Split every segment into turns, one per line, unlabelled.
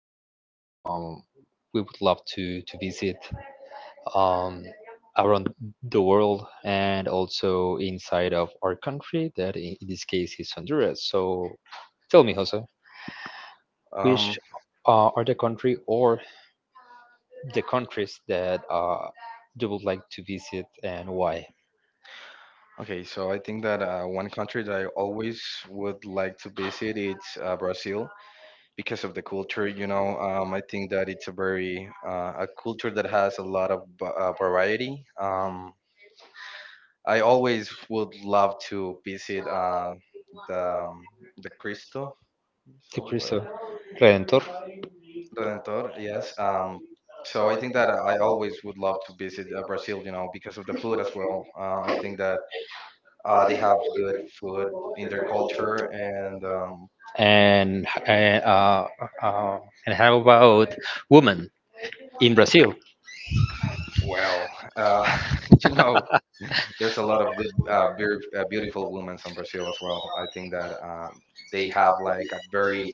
that we would love to visit, um around the world, and also inside of our country that in this case is Honduras. So tell me, Jose, which
Um,
are the country or the countries that you would like to visit and why?
okay, so I think that one country that I always would like to visit it's Brazil because of the culture. I think that it's a culture that has a lot of variety. I always would love to visit the um, the Cristo
The
would like-
Cristo Redentor.
Redentor. Yes. So I think that I always would love to visit Brazil. Because of the food as well. I think that they have good food in their culture, and
And h- and uh, uh and how about women in Brazil?
well, uh, you know, there's a lot of good, beer, beautiful women in Brazil as well. I think that they have like a very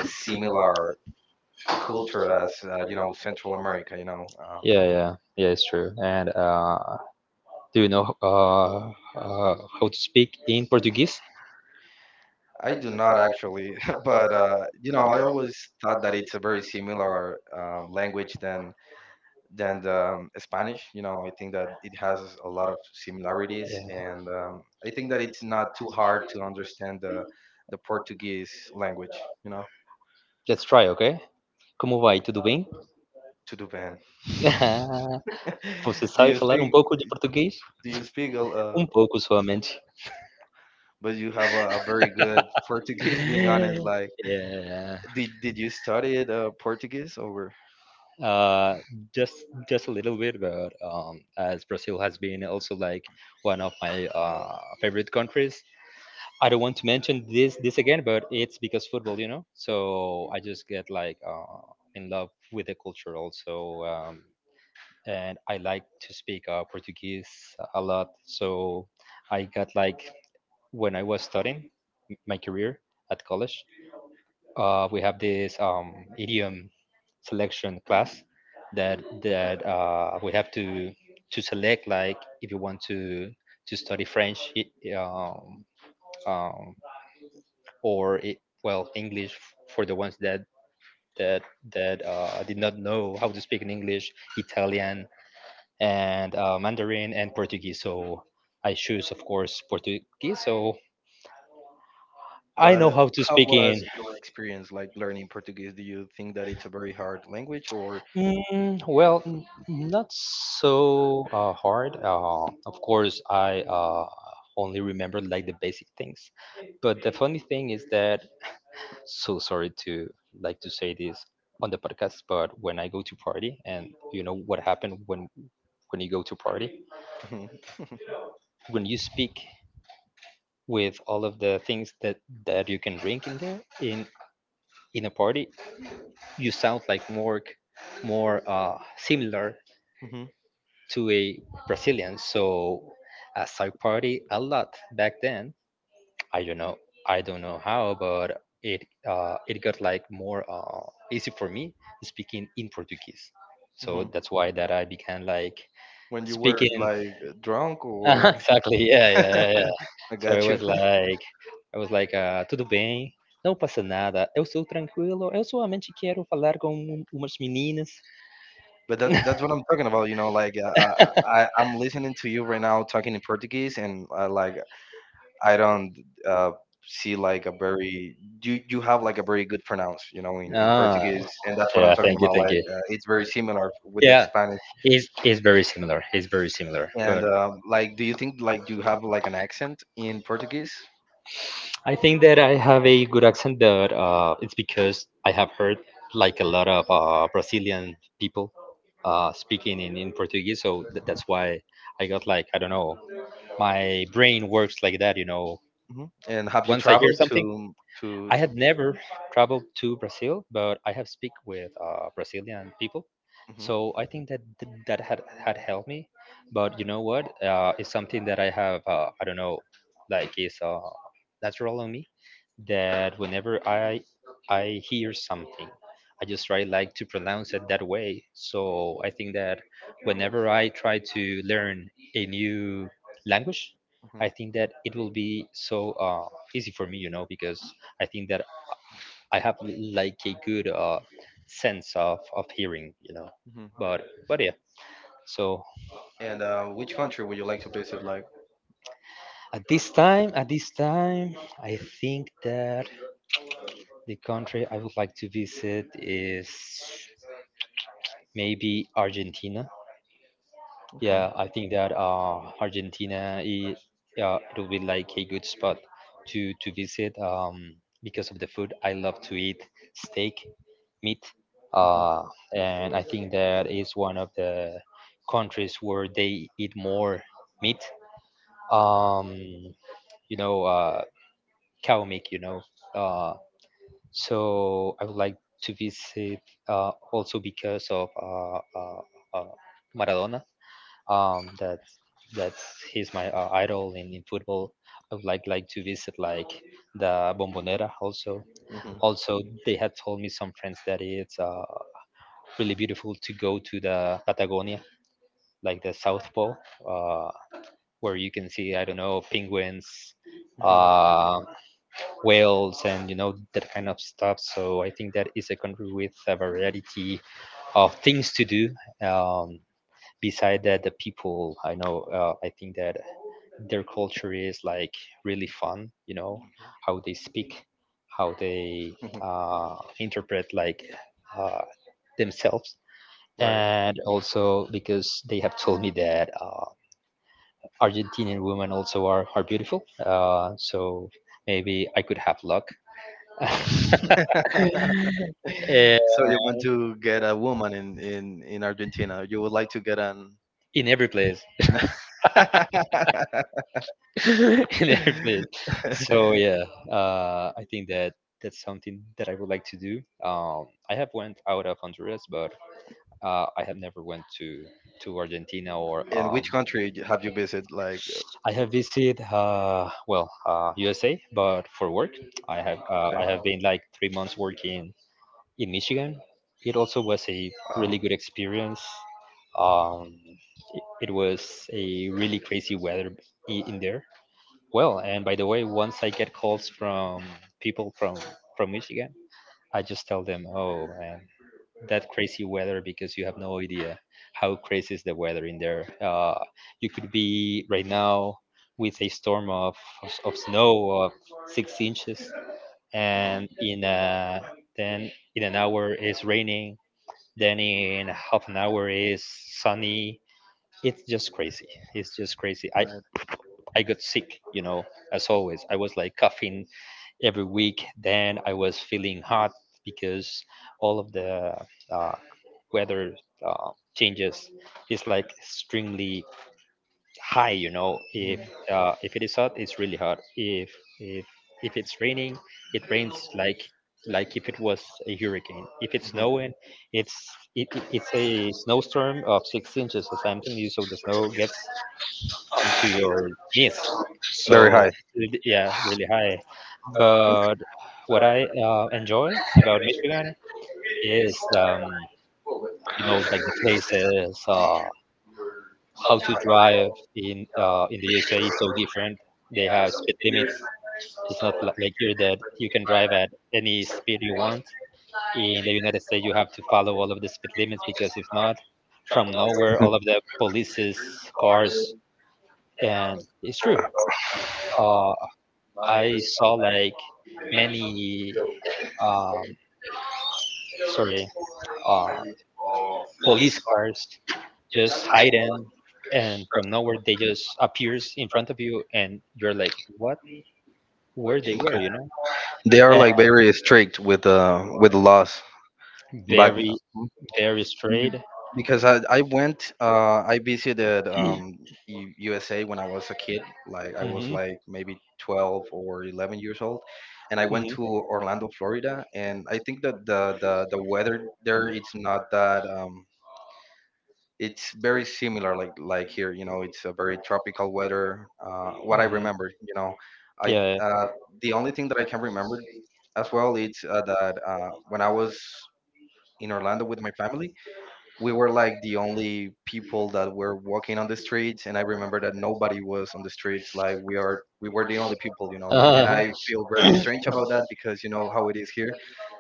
similar culture as Central America.
Yeah, yeah, yeah, it's true. And do you know, uh, how to speak in Portuguese?
I do not actually, but I always thought that it's a very similar language than the Spanish. I think that it has a lot of similarities,
Yeah.
and I think that it's not too hard to understand the Portuguese language.
Let's try, ok? Como vai? Tudo bem?
To do band.
Você
Do
sabe
you
falar
speak?
pouco de português?
Do you speak?
Pouco somente.
But you have a very good Portuguese. Being honest, like,
Yeah.
did you study Portuguese over?
Uh, just a little bit, but as Brazil has been also like one of my favorite countries, I don't want to mention this again, but it's because football, you know. So I just get like, in love with the culture also. And I like to speak Portuguese a lot. So I got like, when I was studying my career at college, we have this, idiom selection class that we have to select, like, if you want to study French, it, um, um, or it, well, English for the ones that that did not know how to speak in English, Italian, and Mandarin and Portuguese. So I choose, of course, Portuguese. So I
But
know how to
how
speak
was
in.
your experience like learning Portuguese? Do you think that it's a very hard language, or?
Mm, well, not so hard. Of course, I only remember like the basic things. But the funny thing is that, so sorry to, like, to say this on the podcast, but when I go to party, and you know what happened when you go to party, when you speak with all of the things that you can drink in there in a party, you sound like more, similar
Mhm.
to a Brazilian. So as I party a lot back then, I don't know. I don't know how, but it got like more, easy for me speaking in Portuguese. So
Hmm.
that's why that I began, like,
When you were
speaking.
like drunk or...
Exactly. Yeah, yeah, yeah, yeah.
I
So I
got you.
was like, I was like, tudo bem, não passa nada. Eu sou tranquilo. Eu solamente quero falar com umas meninas.
But that's what I'm talking about, you know, like I'm listening to you right now talking in Portuguese, and like I don't uh see, like, a very... you have like a very good pronounce, you know, in
Ah,
Portuguese. And that's what I'm
yeah.
talking
Thank you,
about,
thank
like
you.
it's very similar with the
Yeah,
Spanish.
it's very similar. It's very similar,
And
but.
like, do you think like you have like an accent in Portuguese?
I think that I have a good accent, but it's because I have heard like a lot of Brazilian people speaking in Portuguese, so that's why I got like, I don't know, my brain works like that, you know.
Hmm. And have you
Once I hear
traveled
something,
to to
I
to
had never traveled to Brazil, but I have speak with Brazilian people,
hmm.
so I think that that had helped me. But you know what? It's something that I have. I don't know, like, it's natural on me, that whenever I hear something, I just try, like, to pronounce it that way. So I think that whenever I try to learn a new language, I think that it will be so, easy for me, you know, because I think that I have like a good, sense of hearing, you know.
Hmm.
But yeah. So
And which country would you like to visit? Like,
at this time, I think that the country I would like to visit is maybe Argentina.
okay.
Yeah, I think that, Argentina is, it will be like a good spot to visit, because of the food. I love to eat steak, meat. Uh, and I think that is one of the countries where they eat more meat. Um, you know, cow meat. You know, uh, so I would like to visit, also because of uh, Maradona. That that's he's my idol in football. I would like to visit, like, the Bombonera also.
Hmm.
Also, they had told me, some friends, that it's, really beautiful to go to the Patagonia, like the South Pole, uh, where you can see, I don't know, penguins,
Hmm.
uh, whales, and you know, that kind of stuff. So I think that is a country with a variety of things to do. Um, beside that, the people I know, I think that their culture is like really fun. You know how they speak, how they
Hmm.
interpret like, uh, themselves,
Right.
and also because they have told me that, Argentinian women also are beautiful. So maybe I could have luck. Eh,
So you want to get a woman in Argentina? You would like to get an...
in every place. In every place. So yeah, I think that that's something that I would like to do. I have went out of Honduras, but I have never went to Argentina or
In which country have you visited? Like,
I have visited, well, USA, but for work.
okay.
I have been like 3 months working in Michigan. It also was a really
Wow.
good experience. Um, it was a really crazy weather in there. Well, and by the way, once I get calls from people from Michigan, I just tell them, "Oh, man, that crazy weather, because you have no idea how crazy is the weather in there. You could be right now with a storm of, snow of 6 inches,
Wow.
and in a, then in an hour it's raining. Then in half an hour is sunny. It's just crazy. It's just crazy.
Right.
I got sick, you know, as always. I was like coughing every week. Then I was feeling hot because all of the uh, weather changes is like extremely high. You know,
Mhm.
if it is hot, it's really hot. If if it's raining, it rains like if it was a hurricane. If it's
Mhm.
snowing, it's a snowstorm of 6 inches or something. You so the snow gets onto your knees. So
Very high.
really- yeah, really high. But what I enjoy about Michigan is, you know, like the places. How to drive in the USA is so different. They have speed limits. It's not like here, that you can drive at any speed you want. In the United States, you have to follow all of the speed limits, because if not, from nowhere, all of the police's cars. And it's true. Uh, I saw like many, um, sorry, uh, police cars just hidden, and from nowhere they just appears in front of you, and you're like, what? Where they were, you know,
They are
and
like very strict with with the laws. Back.
very, very straight.
Because I went I visited USA when I was a kid, like I was
Hmm.
like maybe 12 or 11 years old, and I went to
Hmm.
Orlando, Florida. And I think that the weather there it's not that... it's very similar, like here, you know. It's a very tropical weather, what I remember, you know. I
Yeah.
uh, the only thing that I can remember as well is that when I was in Orlando with my family, we were like the only people that were walking on the streets. And I remember that nobody was on the streets. Like, we were the only people, you know. And I
Yeah.
feel very strange about that, because you know how it is here,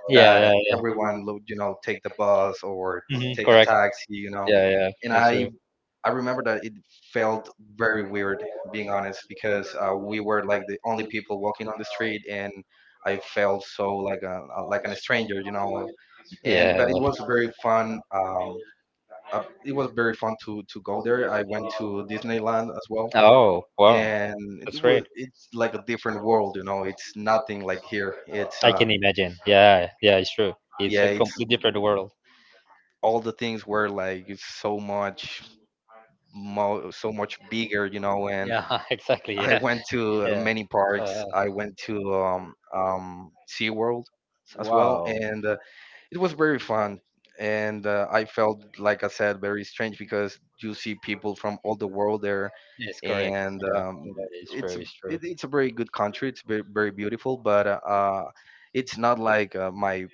that
yeah. Yeah. Yeah.
everyone take the bus or
Hmm.
take a
Correct.
taxi, you know.
Yeah. Yeah.
And
That's
I
true.
I remember that it felt very weird, being honest, because we were like the only people walking on the street, and I felt so like like an stranger, you know. And but
Yeah.
it was very fun. It was very fun to go there. I went to Disneyland as well,
Oh, wow.
and it
That's great.
was it's like a different world, you know. It's nothing like here. It's
I can imagine. Yeah. Yeah. It's true. It's
yeah,
a
it's...
complete different world.
all the things were like so much so much bigger, you know. And
Yeah, exactly.
I
Yeah,
went to
yeah.
many parks.
Uh,
I went to SeaWorld as well, and it was very fun. And I felt, like I said, very strange because you see people from all the world there,
yes, correct.
and
Yeah, yeah, it's true.
it's a-
It's true.
it's a very good country. It's very, very beautiful, but it's not like my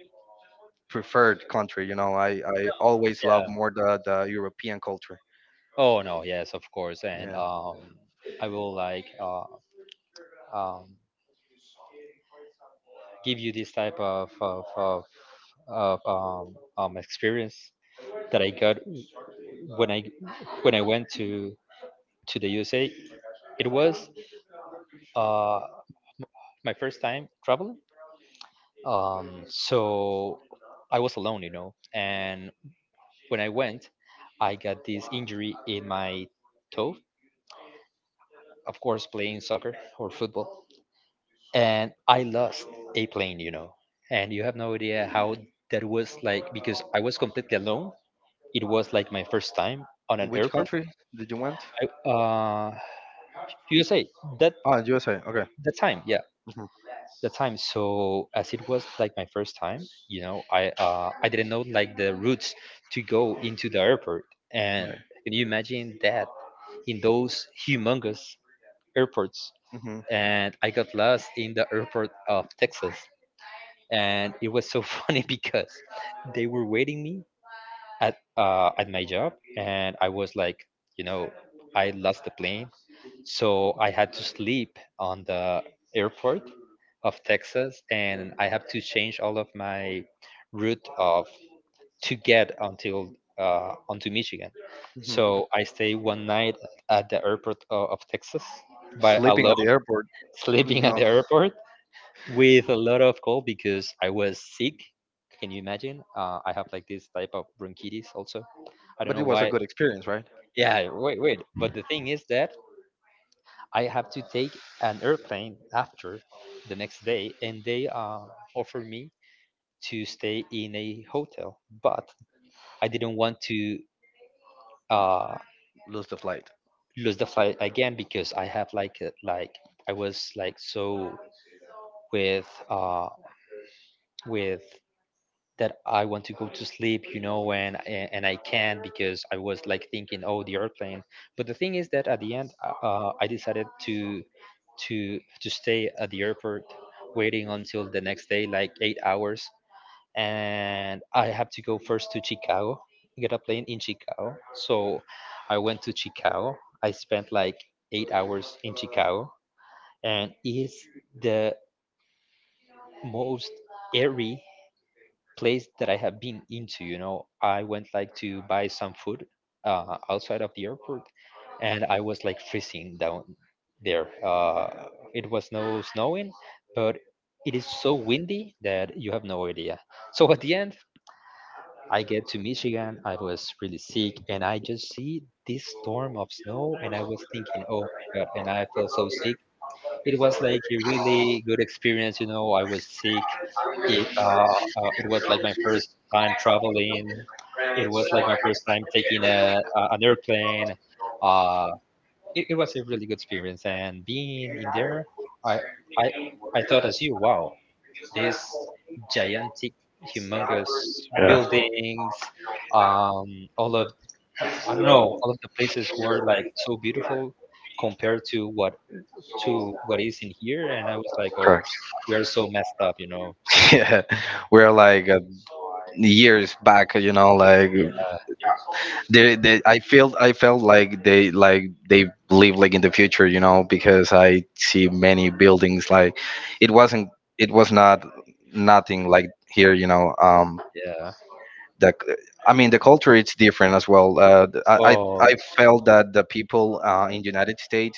preferred country. You know, I always love
Yeah.
more the European culture.
Oh no. Yes, of course. And
Yeah.
I will like, um give you this type of experience that I got when I went to the USA. It was, uh my first time traveling. So I was alone, you know, and when I went, I got this injury in my toe, of course, playing soccer or football, and I lost a plane, you know. And you have no idea how that was like, because I was completely alone. It was like my first time on an
In which
airport.
country did you went?
I, uh, USA, that
Ah, USA. Okay.
the time, yeah,
Hmm.
the time. So as it was like my first time, you know, I didn't know like the routes to go into the airport, and
Right.
can you imagine that, in those humongous airports,
Hmm.
and I got lost in the airport of Texas, and it was so funny, because they were waiting me at my job, and I was like, you know, I lost the plane, so I had to sleep on the airport of Texas, and I have to change all of my route of, to get until, onto Michigan.
Hmm.
So I stay one night at the airport of Texas, by
Sleeping at the
alone,
airport.
sleeping at
No,
the airport, with a lot of cold because I was sick. Can you imagine? I have like this type of bronchitis also. I don't
but
know
it was a
why.
good experience, right?
Yeah, wait, wait. But the thing is that I have to take an airplane after, the next day, and they, offered me to stay in a hotel, but I didn't want to, uh,
Lose the flight.
lose the flight again, because I have like like I was like so with, with that I want to go to sleep, you know, and I can't, because I was like thinking, oh, the airplane. But the thing is that at the end, I decided to stay at the airport, waiting until the next day, like 8 hours, and I have to go first to Chicago, get a plane in Chicago. So I went to Chicago. I spent like 8 hours in Chicago, and it's the most eerie place that I have been into. You know, I went like to buy some food outside of the airport, and I was like freezing down there. It was no snowing, but it is so windy that you have no idea. So at the end, I get to Michigan. I was really sick, and I just see this storm of snow, and I was thinking, oh my God, and I felt so sick. It was like a really good experience. You know, I was sick. It it was like my first time traveling. It was like my first time taking a an airplane. Uh, it was a really good experience, and being in there, I I I thought as you, wow, this gigantic, humongous buildings, all of I don't know, all of the places were like so beautiful compared to what is in here, and I was like, oh,
Correct.
we're so messed up, you know.
Yeah, we're like years back, you know, like they I felt like they live like in the future, you know, because I see many buildings like... it wasn't it was not nothing like here, you know.
Yeah.
The c- I mean, the culture it's different as well.
Oh.
I felt that the people in the United States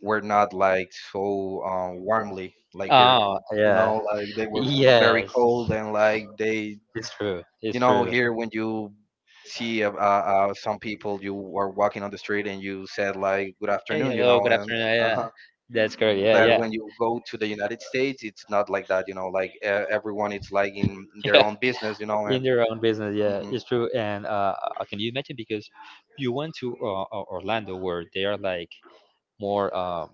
were not like so warmly like here,
Oh.
you know,
Yeah.
like they were very
Yes.
cold and like they...
It's true. It's
you know,
true.
here, when you see some people, you are walking on the street and you said like good
Hey,
afternoon, you
hello.
know.
Good
And
afternoon.
uh
Yeah. That's correct. Yeah.
but
Yeah.
when you go to the United States, it's not like that, you know. Like, everyone is like in
Yeah.
their own business, you know.
In
And
your own business, yeah,
hmm.
it's true. And can you imagine? Because you went to Orlando, where they are like more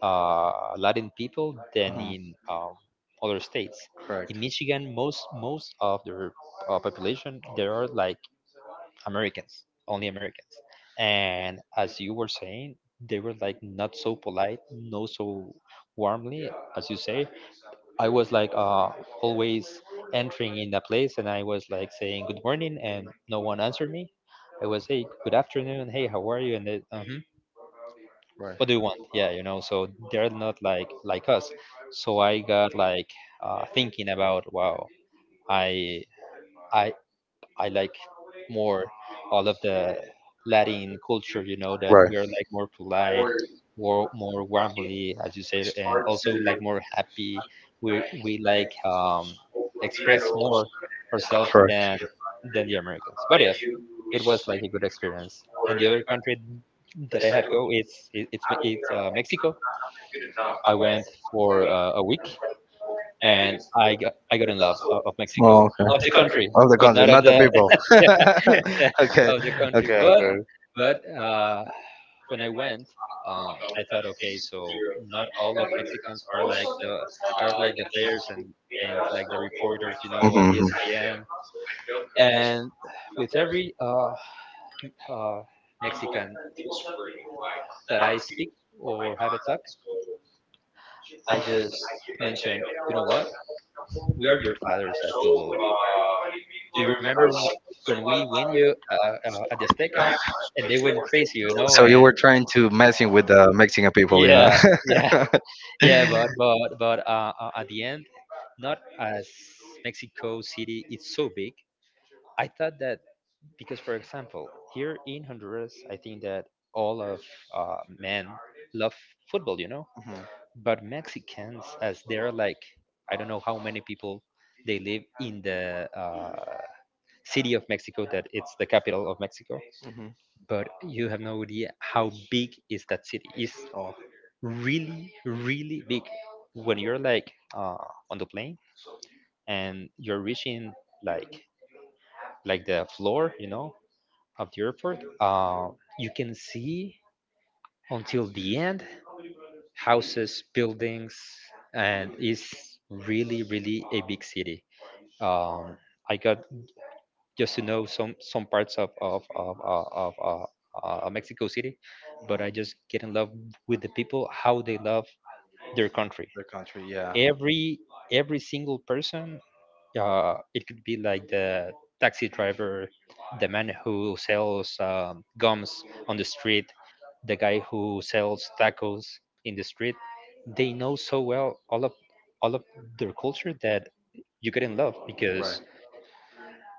uh, Latin people than
Hmm.
in other states.
Correct.
In Michigan, most of their population there are like Americans, only Americans. And as you were saying, they were like not so polite, not so warmly, as you say. I was like always entering in the place, and I was like saying good morning, and no one answered me. I was hey good afternoon, hey how are you, and they, uh,
Right.
what do you want, yeah, you know, so they're not like like us. So I got like thinking about, wow, i i I like more all of the Latin culture, you know, that
Right.
we're like more polite, more warmly as you said, and also like more happy. We like express more ourselves
Correct.
than the Americans. But yes, it was like a good experience. And the other country that I have go, it's it's Mexico. I went for a week, and I got in love of
Oh,
Mexico,
okay.
of the country,
Of the
but
country,
not of
not the
the
people. Okay,
of the country.
okay,
But
okay.
but uh, when I went, I thought, okay, so not all of Mexicans are like the players and like the reporters, you know, of
Hmm.
ESPN. And with every uh, Mexican that I speak or have a talk, I just mention, you know what? We are your fathers at football. Do you remember when we win you at the Azteca, and they went crazy, you know?
So you
And
were trying to messing with the Mexican people, you know?
yeah, yeah, yeah. But but but uh, uh, at the end, not as Mexico City, it's so big. I thought that because, for example, here in Honduras, I think that all of men love football, you know.
Hmm.
But Mexicans, as they're like, I don't know how many people they live in the city of Mexico, that it's the capital of Mexico,
Hmm.
but you have no idea how big is that city. It's
Oh,
really, really big. When you're like on the plane and you're reaching like like the floor, you know, of the airport, you can see until the end houses, buildings, and it's really, really a big city. Um, I got just to know some parts of Mexico City, but
mhm.
I just get in love with the people how they love their country.
The country, yeah.
Every every single person, it could be like the taxi driver, the man who sells gums on the street, the guy who sells tacos in the street. They know so well all of their culture that you get in love
Right.
because.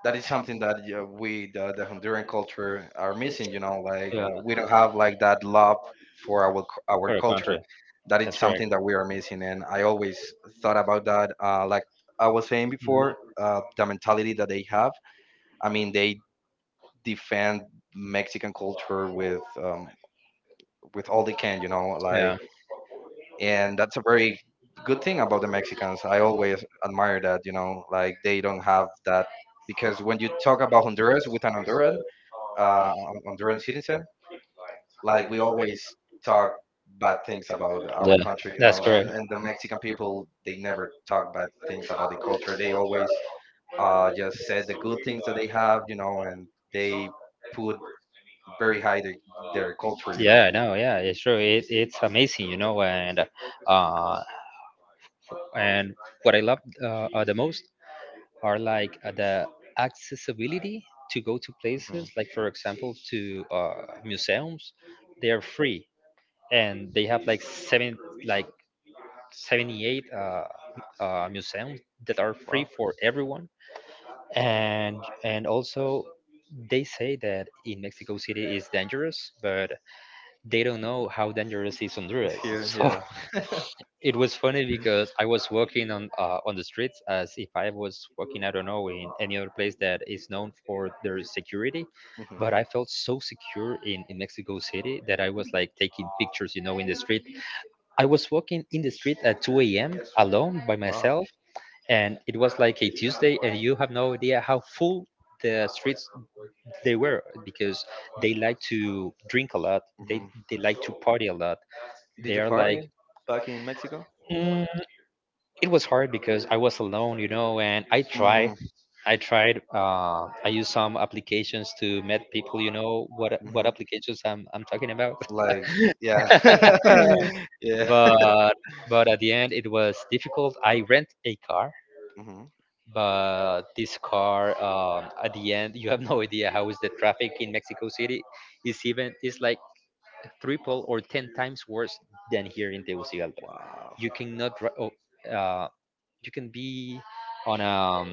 That is something that, yeah, we, the Honduran culture, are missing. You know, like we don't have like that love for our
For the country.
culture. That is
That's correct.
something that we are missing, and I always thought about that. Like I was saying before, the mentality that they have. I mean, they defend Mexican culture with all they can. You know,
Yeah.
like, and that's a very good thing about the Mexicans. I always admire that. You know, like, they don't have that, because when you talk about Honduras with an Honduran, Honduran citizen. Like, we always talk bad things about
Yeah,
our country, you
that's
know, and
correct.
and the Mexican people, they never talk bad things about the culture. They always just said the good things that they have, you know, and they put
uh,
very high their culture, you know.
yeah, no, yeah, it's true. It's amazing, you know. And uh, and what I love the most are like the accessibility to go to
Hmm.
places, like for example, to museums. They are free, and they have like seven, like 78 museums that are free
Wow,
for everyone. and and also they say that in Mexico City is dangerous, but they don't know how dangerous is
it's
Honduras.
here,
So
yeah.
it was funny because I was walking on the streets as if I was walking, I don't know, in any other place that is known for their security.
Hmm.
But I felt so secure in Mexico City that I was like taking pictures, you know, in the street. I was walking in the street at 2 a.m. alone by
Wow.
myself, and it was like a Tuesday, and you have no idea how full the streets they were because they like to drink a lot, they
Hmm.
like to party a lot.
Did
They
you
are like,
party back in Mexico?
mm, it was hard because I was alone, you know, and I tried.
Mm-hmm.
I tried. I used some applications to meet people. You know what applications I'm talking about.
Like, yeah. Yeah.
But but at the end, it was difficult. I rent a car,
Hmm.
but this car, at the end, you have no idea how is the traffic in Mexico City. It's even it's like triple or 10 times worse than here in Tegucigalpa.
Wow.
You cannot dri- Oh, uh, you can be on a um,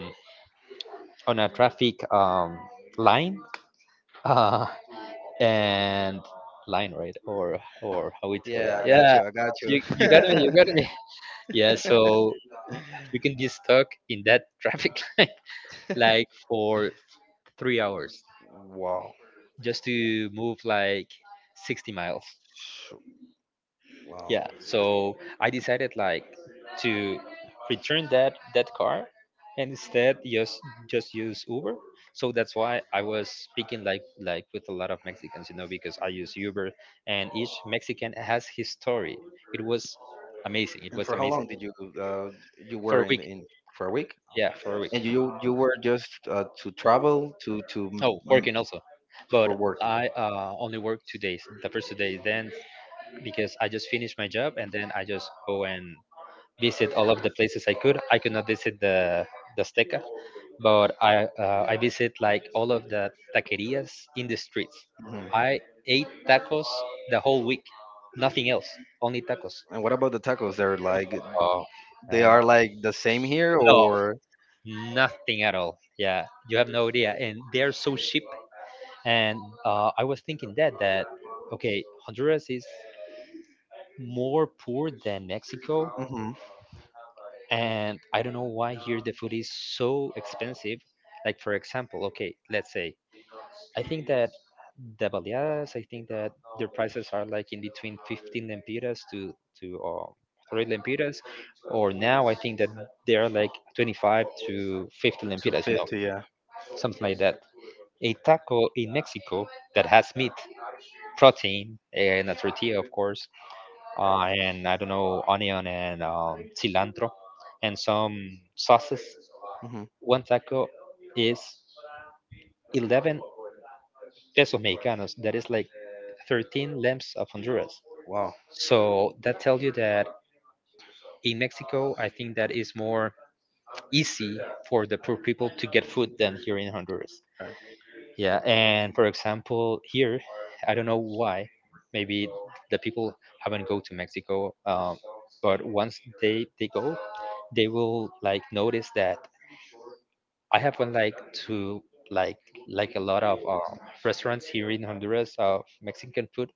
on a traffic line, uh, and line right, or how we tell
Yeah, I
that. Yeah,
got
yeah,
you. I got you.
you got me, you got me, yeah. So you can be stuck in that traffic line like for 3 hours
Wow.
just to move like 60 miles.
Shoot. Wow.
Yeah, so I decided like to return that car and instead just use Uber. So that's why I was speaking like with a lot of Mexicans, you know, because I use Uber, and each Mexican has his story. It was amazing. It
And
was
for how long
amazing.
did uh, you
For
were
a week.
in for a week?
Yeah, for a week.
And you were just to travel
Oh, working also.
for
But
work.
I only work 2 days. The first 2 days, then because I just finished my job and then I just go and visit all of the places I could. I could not visit the Azteca, but I visit like all of the taquerias in the streets. I ate tacos the whole week, nothing else, only tacos.
And what about the tacos? They're like,
Oh,
they
and
are like the same here,
no,
or
nothing at all. Yeah, you have no idea, and they are so cheap. And I was thinking that okay, Honduras is more poor than Mexico,
mm-hmm?
and I don't know why here the food is so expensive. Like for example, okay, let's say I think that the baleadas, I think that their prices are like in between 15 lempiras to to uh, 3 lempiras, or now I think that they are like 25 to 50 lempiras, you know,
250, yeah.
something like that. A taco in Mexico that has meat, protein, and a tortilla, of course, and I don't know, onion and cilantro, and some sauces.
Hmm.
One taco is 11 pesos mexicanos. That is like 13 lamps of Honduras.
Wow.
So that tells you that in Mexico, I think that is more easy for the poor people to get food than here in Honduras.
Okay.
Yeah, and for example, here, I don't know why, maybe the people haven't go to Mexico, but once they go, they will like notice that I have went like to like like a lot of restaurants here in Honduras of Mexican food,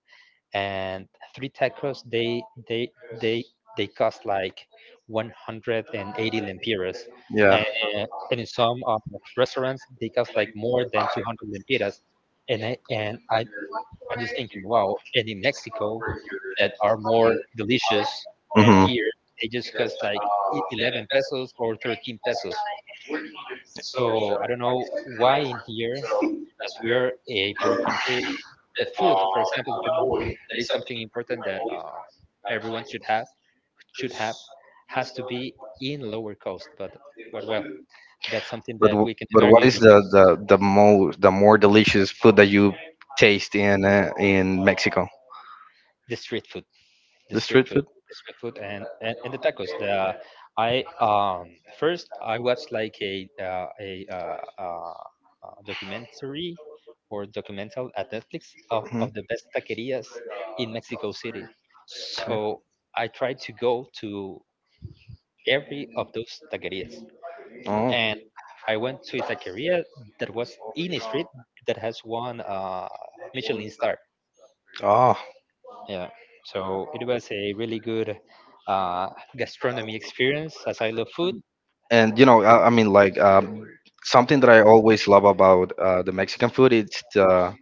and three tacos they they they cost like 180 lempiras,
Yeah.
and, and in some restaurants they cost like more than 200 lempiras, and I'm just thinking, wow, and in Mexico that are more delicious than
Hmm.
here, they just cost like e, 11 pesos or 13 pesos. So I don't know why in here, as we're a poor country, the food, for example, that is something important that everyone should have should have has to be in lower cost. But well, that's something
But
that
w-
we can
but what
argue
is the
because.
the the most, the more delicious food that you taste in Mexico?
The street food. The
The
street
street
food,
food.
the street food, and the tacos. The I First I watched like a documentary or documental at Netflix
Hmm.
of the best taquerias in Mexico City. So I tried to go to every of those taquerias, and I went to a taqueria that was in a street that has one Michelin star.
Oh.
Yeah, so it was a really good uh, gastronomy experience as I love food.
and you know I mean, like, something that I always love about the Mexican food, it's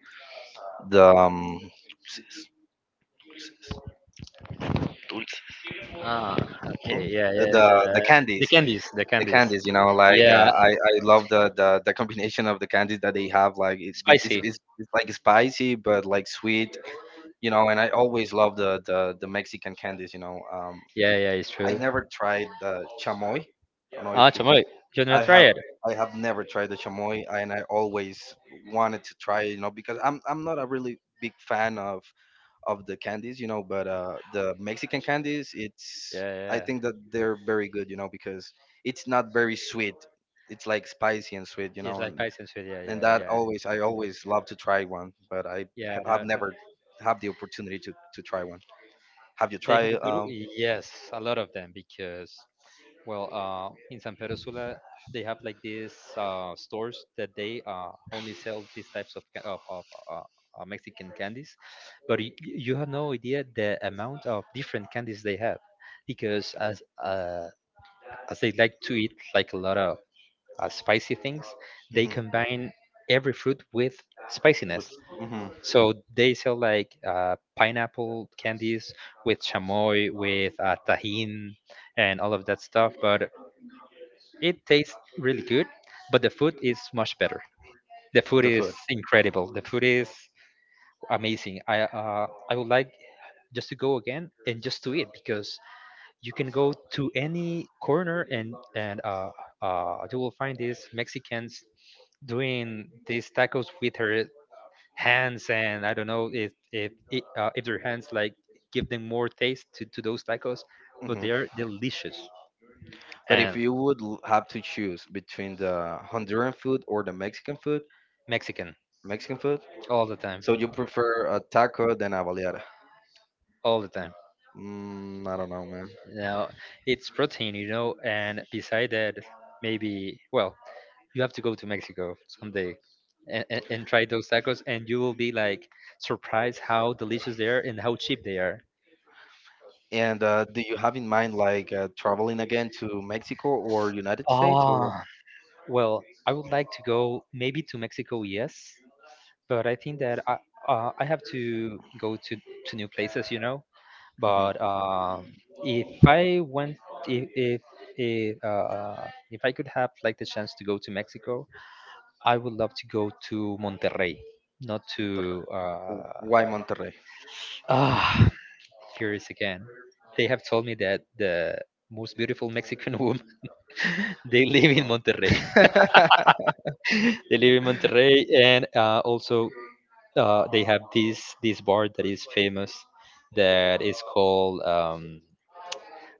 the um, s-
Ah, okay,
mm,
yeah, yeah,
the
the
candies,
candies, the
the
candies.
candies, you know, like
Yeah,
I love the combination of the candies that they have. Like, it's it's, it's,
spicy.
it's it's like spicy but like sweet, you know. And I always love the Mexican candies, you know.
Yeah, yeah, it's
I
true.
never tried the chamoy, I don't know if...
Ah, chamoy. You
I
never try
have
it?
I have never tried the chamoy, and I always wanted to try it, you know, because I'm not a really big fan of the candies, you know, but the Mexican candies, it's... I
Yeah, yeah.
think that they're very good, you know, because it's not very sweet. It's like spicy and sweet, you
It's
know,
like spicy and sweet. Yeah,
and
yeah,
that
yeah.
always I always love to try one, but
Yeah,
have
no, no.
never have the opportunity to try one. Have you
They have a
tried
good, yes, a lot of them because in San Pedro Sula, they have like these stores that they only sell these types of uh, Mexican candies, but you have no idea the amount of different candies they have, because as they like to eat like a lot of spicy things, they
hmm...
combine every fruit with
with
spiciness.
hmm...
So they sell like pineapple candies with chamoy, with tahin, and all of that stuff, but it tastes really good, but the food is much better. The food
the
is
food?
incredible. The food is amazing. I would like just to go again and just to eat because you can go to any corner and you will find these Mexicans doing these tacos with her hands and I don't know if their hands like give them more taste to those tacos, but
Hmm.
they are delicious
But if
and
you would have to choose between the Honduran food or the
Mexican
Mexican food,
all the time.
so you prefer a taco than a baleada?
All the time.
Mm, I don't know, man.
Now it's protein, you know, and beside that, maybe well, you have to go to Mexico someday and try those tacos, and you will be like surprised how delicious they are and how cheap they are.
And do you have in mind, like, traveling again to Mexico or United States, or...
Ah, well, I would like to go maybe to Mexico, yes, but I think that I have to go to new places, you know.
Mhm.
But if I went, if if if, uh, if I could have like the chance to go to Mexico, I would love to go to Monterrey, not
Monterrey?
to
Why Monterrey?
ah, Paris again. They have told me that the most beautiful Mexican woman they live in Monterrey. they live in Monterrey, and also they have this bar that is famous that is called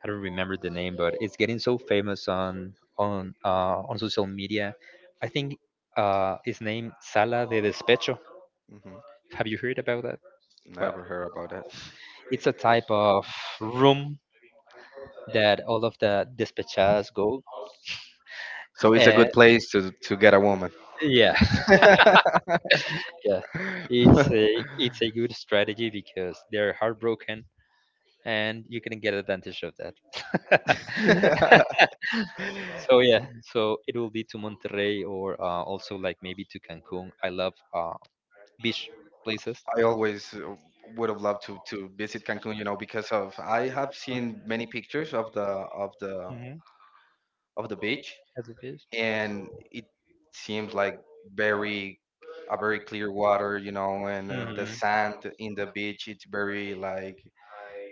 I don't remember the name, but it's getting so famous on on social media. I think his name Sala de Despecho.
Hmm.
Have you heard about that? Well,
Never heard about that.
it's a type of room that all of the despachas go.
So it's a
And
good place to get a woman.
yeah, yeah. It's a it's a good strategy because they're heartbroken and you can get advantage of
I
that. So yeah, so it will be to Monterrey or also like maybe to Cancun. I love beach places.
always would have loved to visit Cancun, you know, because of I have seen many pictures of the of the
Hmm.
of the beach,
As a
and it seems like very... a very clear water, you know, and the
mhm.
sand in the beach.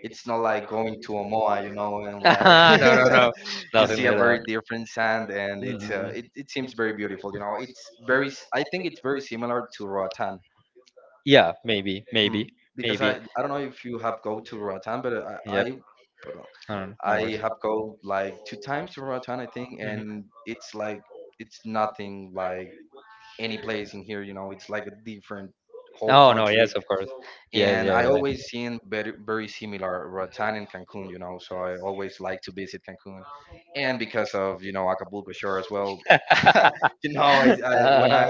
It's not like going to Omoa, you know, and like
And
you see a very different sand, and
shivering.
it seems very beautiful, you know. I think it's very similar to Roatan.
Yeah, maybe, maybe.
Mm,
Because
because I don't know if you have go to Ratan, but I pardon,
I don't know.
I have go like two times to Ratan, I think, and it's nothing like any place in here. You know, it's like a different whole
Oh no!
country,
Yes.
and I always seen very, very similar Ratan and Cancun, you know. So I always like to visit Cancun. And because of, you know, Acapulco Shore as well. You know, I when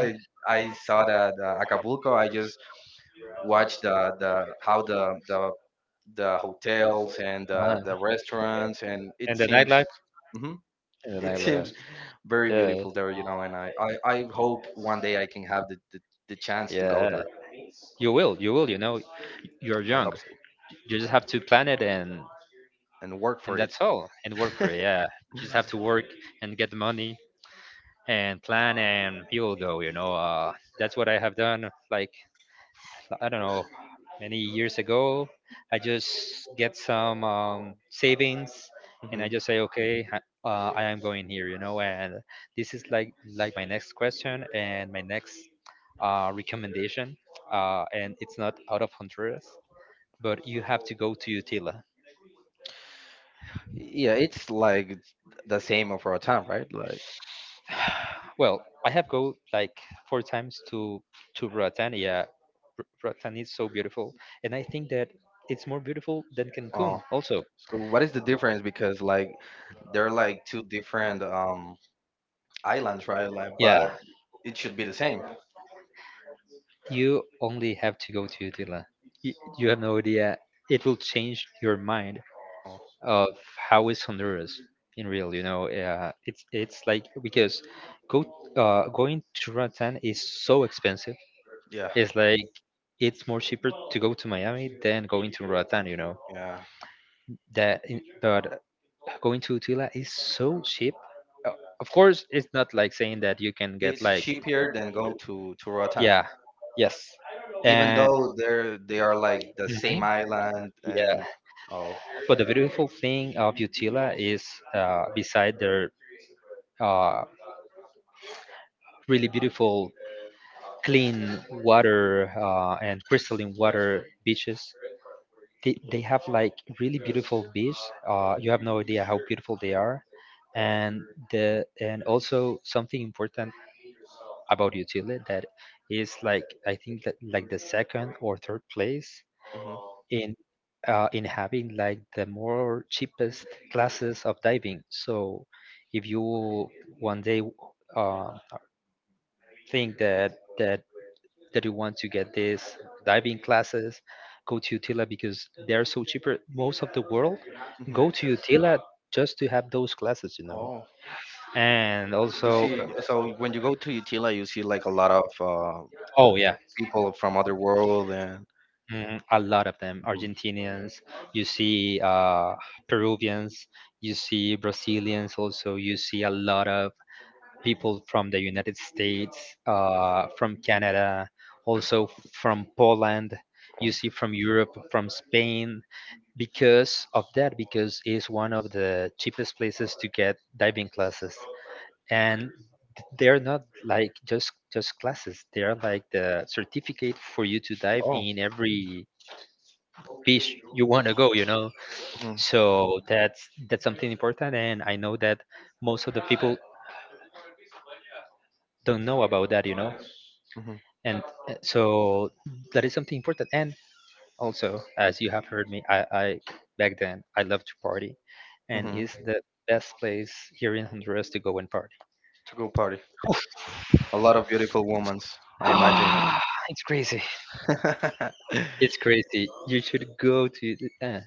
I saw that Acapulco, I just watched the hotels and
I
the restaurants, and
and the nightlife.
mhm,
And
it seems
the
very
yeah.
beautiful there, you know. And I hope one day I can have the chance to go
Yeah.
there.
You will. You will. You know, you're
I
young.
hope so,
You just have to plan it
and work
and
for it.
that's all. And work for it. Yeah. Just have to work and get the money and plan and you will go. You know, that's what I have done. Like I don't know, many years ago, I just get some savings and I
Mhm.
just say, okay, I am going here. You know, and this is like my next question and my next recommendation, and it's not out of Honduras, but you have to go to Utila.
Yeah, it's like the same of our time, right? Like,
Well, I have go like four times to Roatan. Yeah, Roatan is so beautiful, and I think that it's more beautiful than
oh,
Cancun. Also,
so what is the difference? Because like, they're like two different islands, right? Like, but
yeah,
it should be the same.
you only have to go to Utila. You, you have no idea. It will change your mind.
Oh,
Of how is Honduras in real. You know, it's like because go going to Roatan is so expensive.
yeah,
It's like it's more cheaper to go to Miami than going to Roatan. You know
yeah.
that, in- but going to Utila is so cheap. Uh, Of course, it's not like saying that you can get
It's
like to
cheaper than go
Roatan,
to Roatan,
yeah, yes,
even
and
though they are like the
mhm.
same island,
Yeah,
and... oh.
but the beautiful thing of Utila is beside their. Uh. Really beautiful, clean water and crystalline water beaches. They have like really beautiful beach. You have no idea how beautiful they are. And the and also something important about Utile that is like I think that like the second or third place
Hmm.
in in having like the more cheapest classes of diving. So if you one day uh, think that that that you want to get this diving classes, go to Utila because they are so cheaper. Most of the world
Hmm.
go to Utila just to have those classes, you know.
Oh,
And
you
also,
see, so when you go to Utila, you see like a lot of
oh yeah,
people from other world, and
mhm, a lot of them Argentinians, you see Peruvians, you see Brazilians also, you see a lot of people from the United States, from Canada, also from Poland,
mhm.
you see from Europe, from Spain. Because of that because it's one of the cheapest places to get diving classes and they're not like just classes, they're like the certificate for you to dive
Oh,
in every beach you want to go, you know.
hmm.
So that's something important and I know that most of the people don't know about that, you know.
Hmm.
And so that is something important and also, as you have heard me, I back then I loved to party, and
Hmm.
is the best place here in Honduras to go and party.
To go party. A lot of beautiful women, I imagine.
Ah, it's crazy. It's crazy. You should go to. The- uh.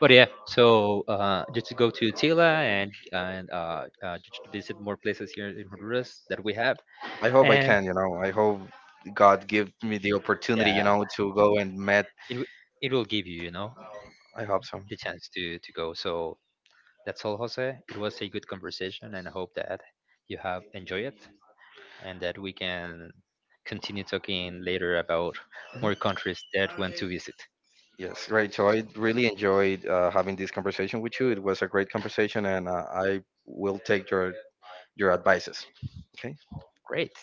But yeah, so just to go to Tila and and just to visit more places here in Honduras that we have,
I hope I
and
can, you know. I hope God give me the opportunity,
yeah,
you know, to go and met.
it w- it will give you, you know,
I hope so.
the
Mm-hmm.
chance to go. So that's all, Jose. It was a good conversation, and I hope that you have enjoyed it and that we can continue talking later about more countries that want to visit.
Yes, great. So I really enjoyed having this conversation with you. It was a great conversation, and I will take your advices. Okay.
Great.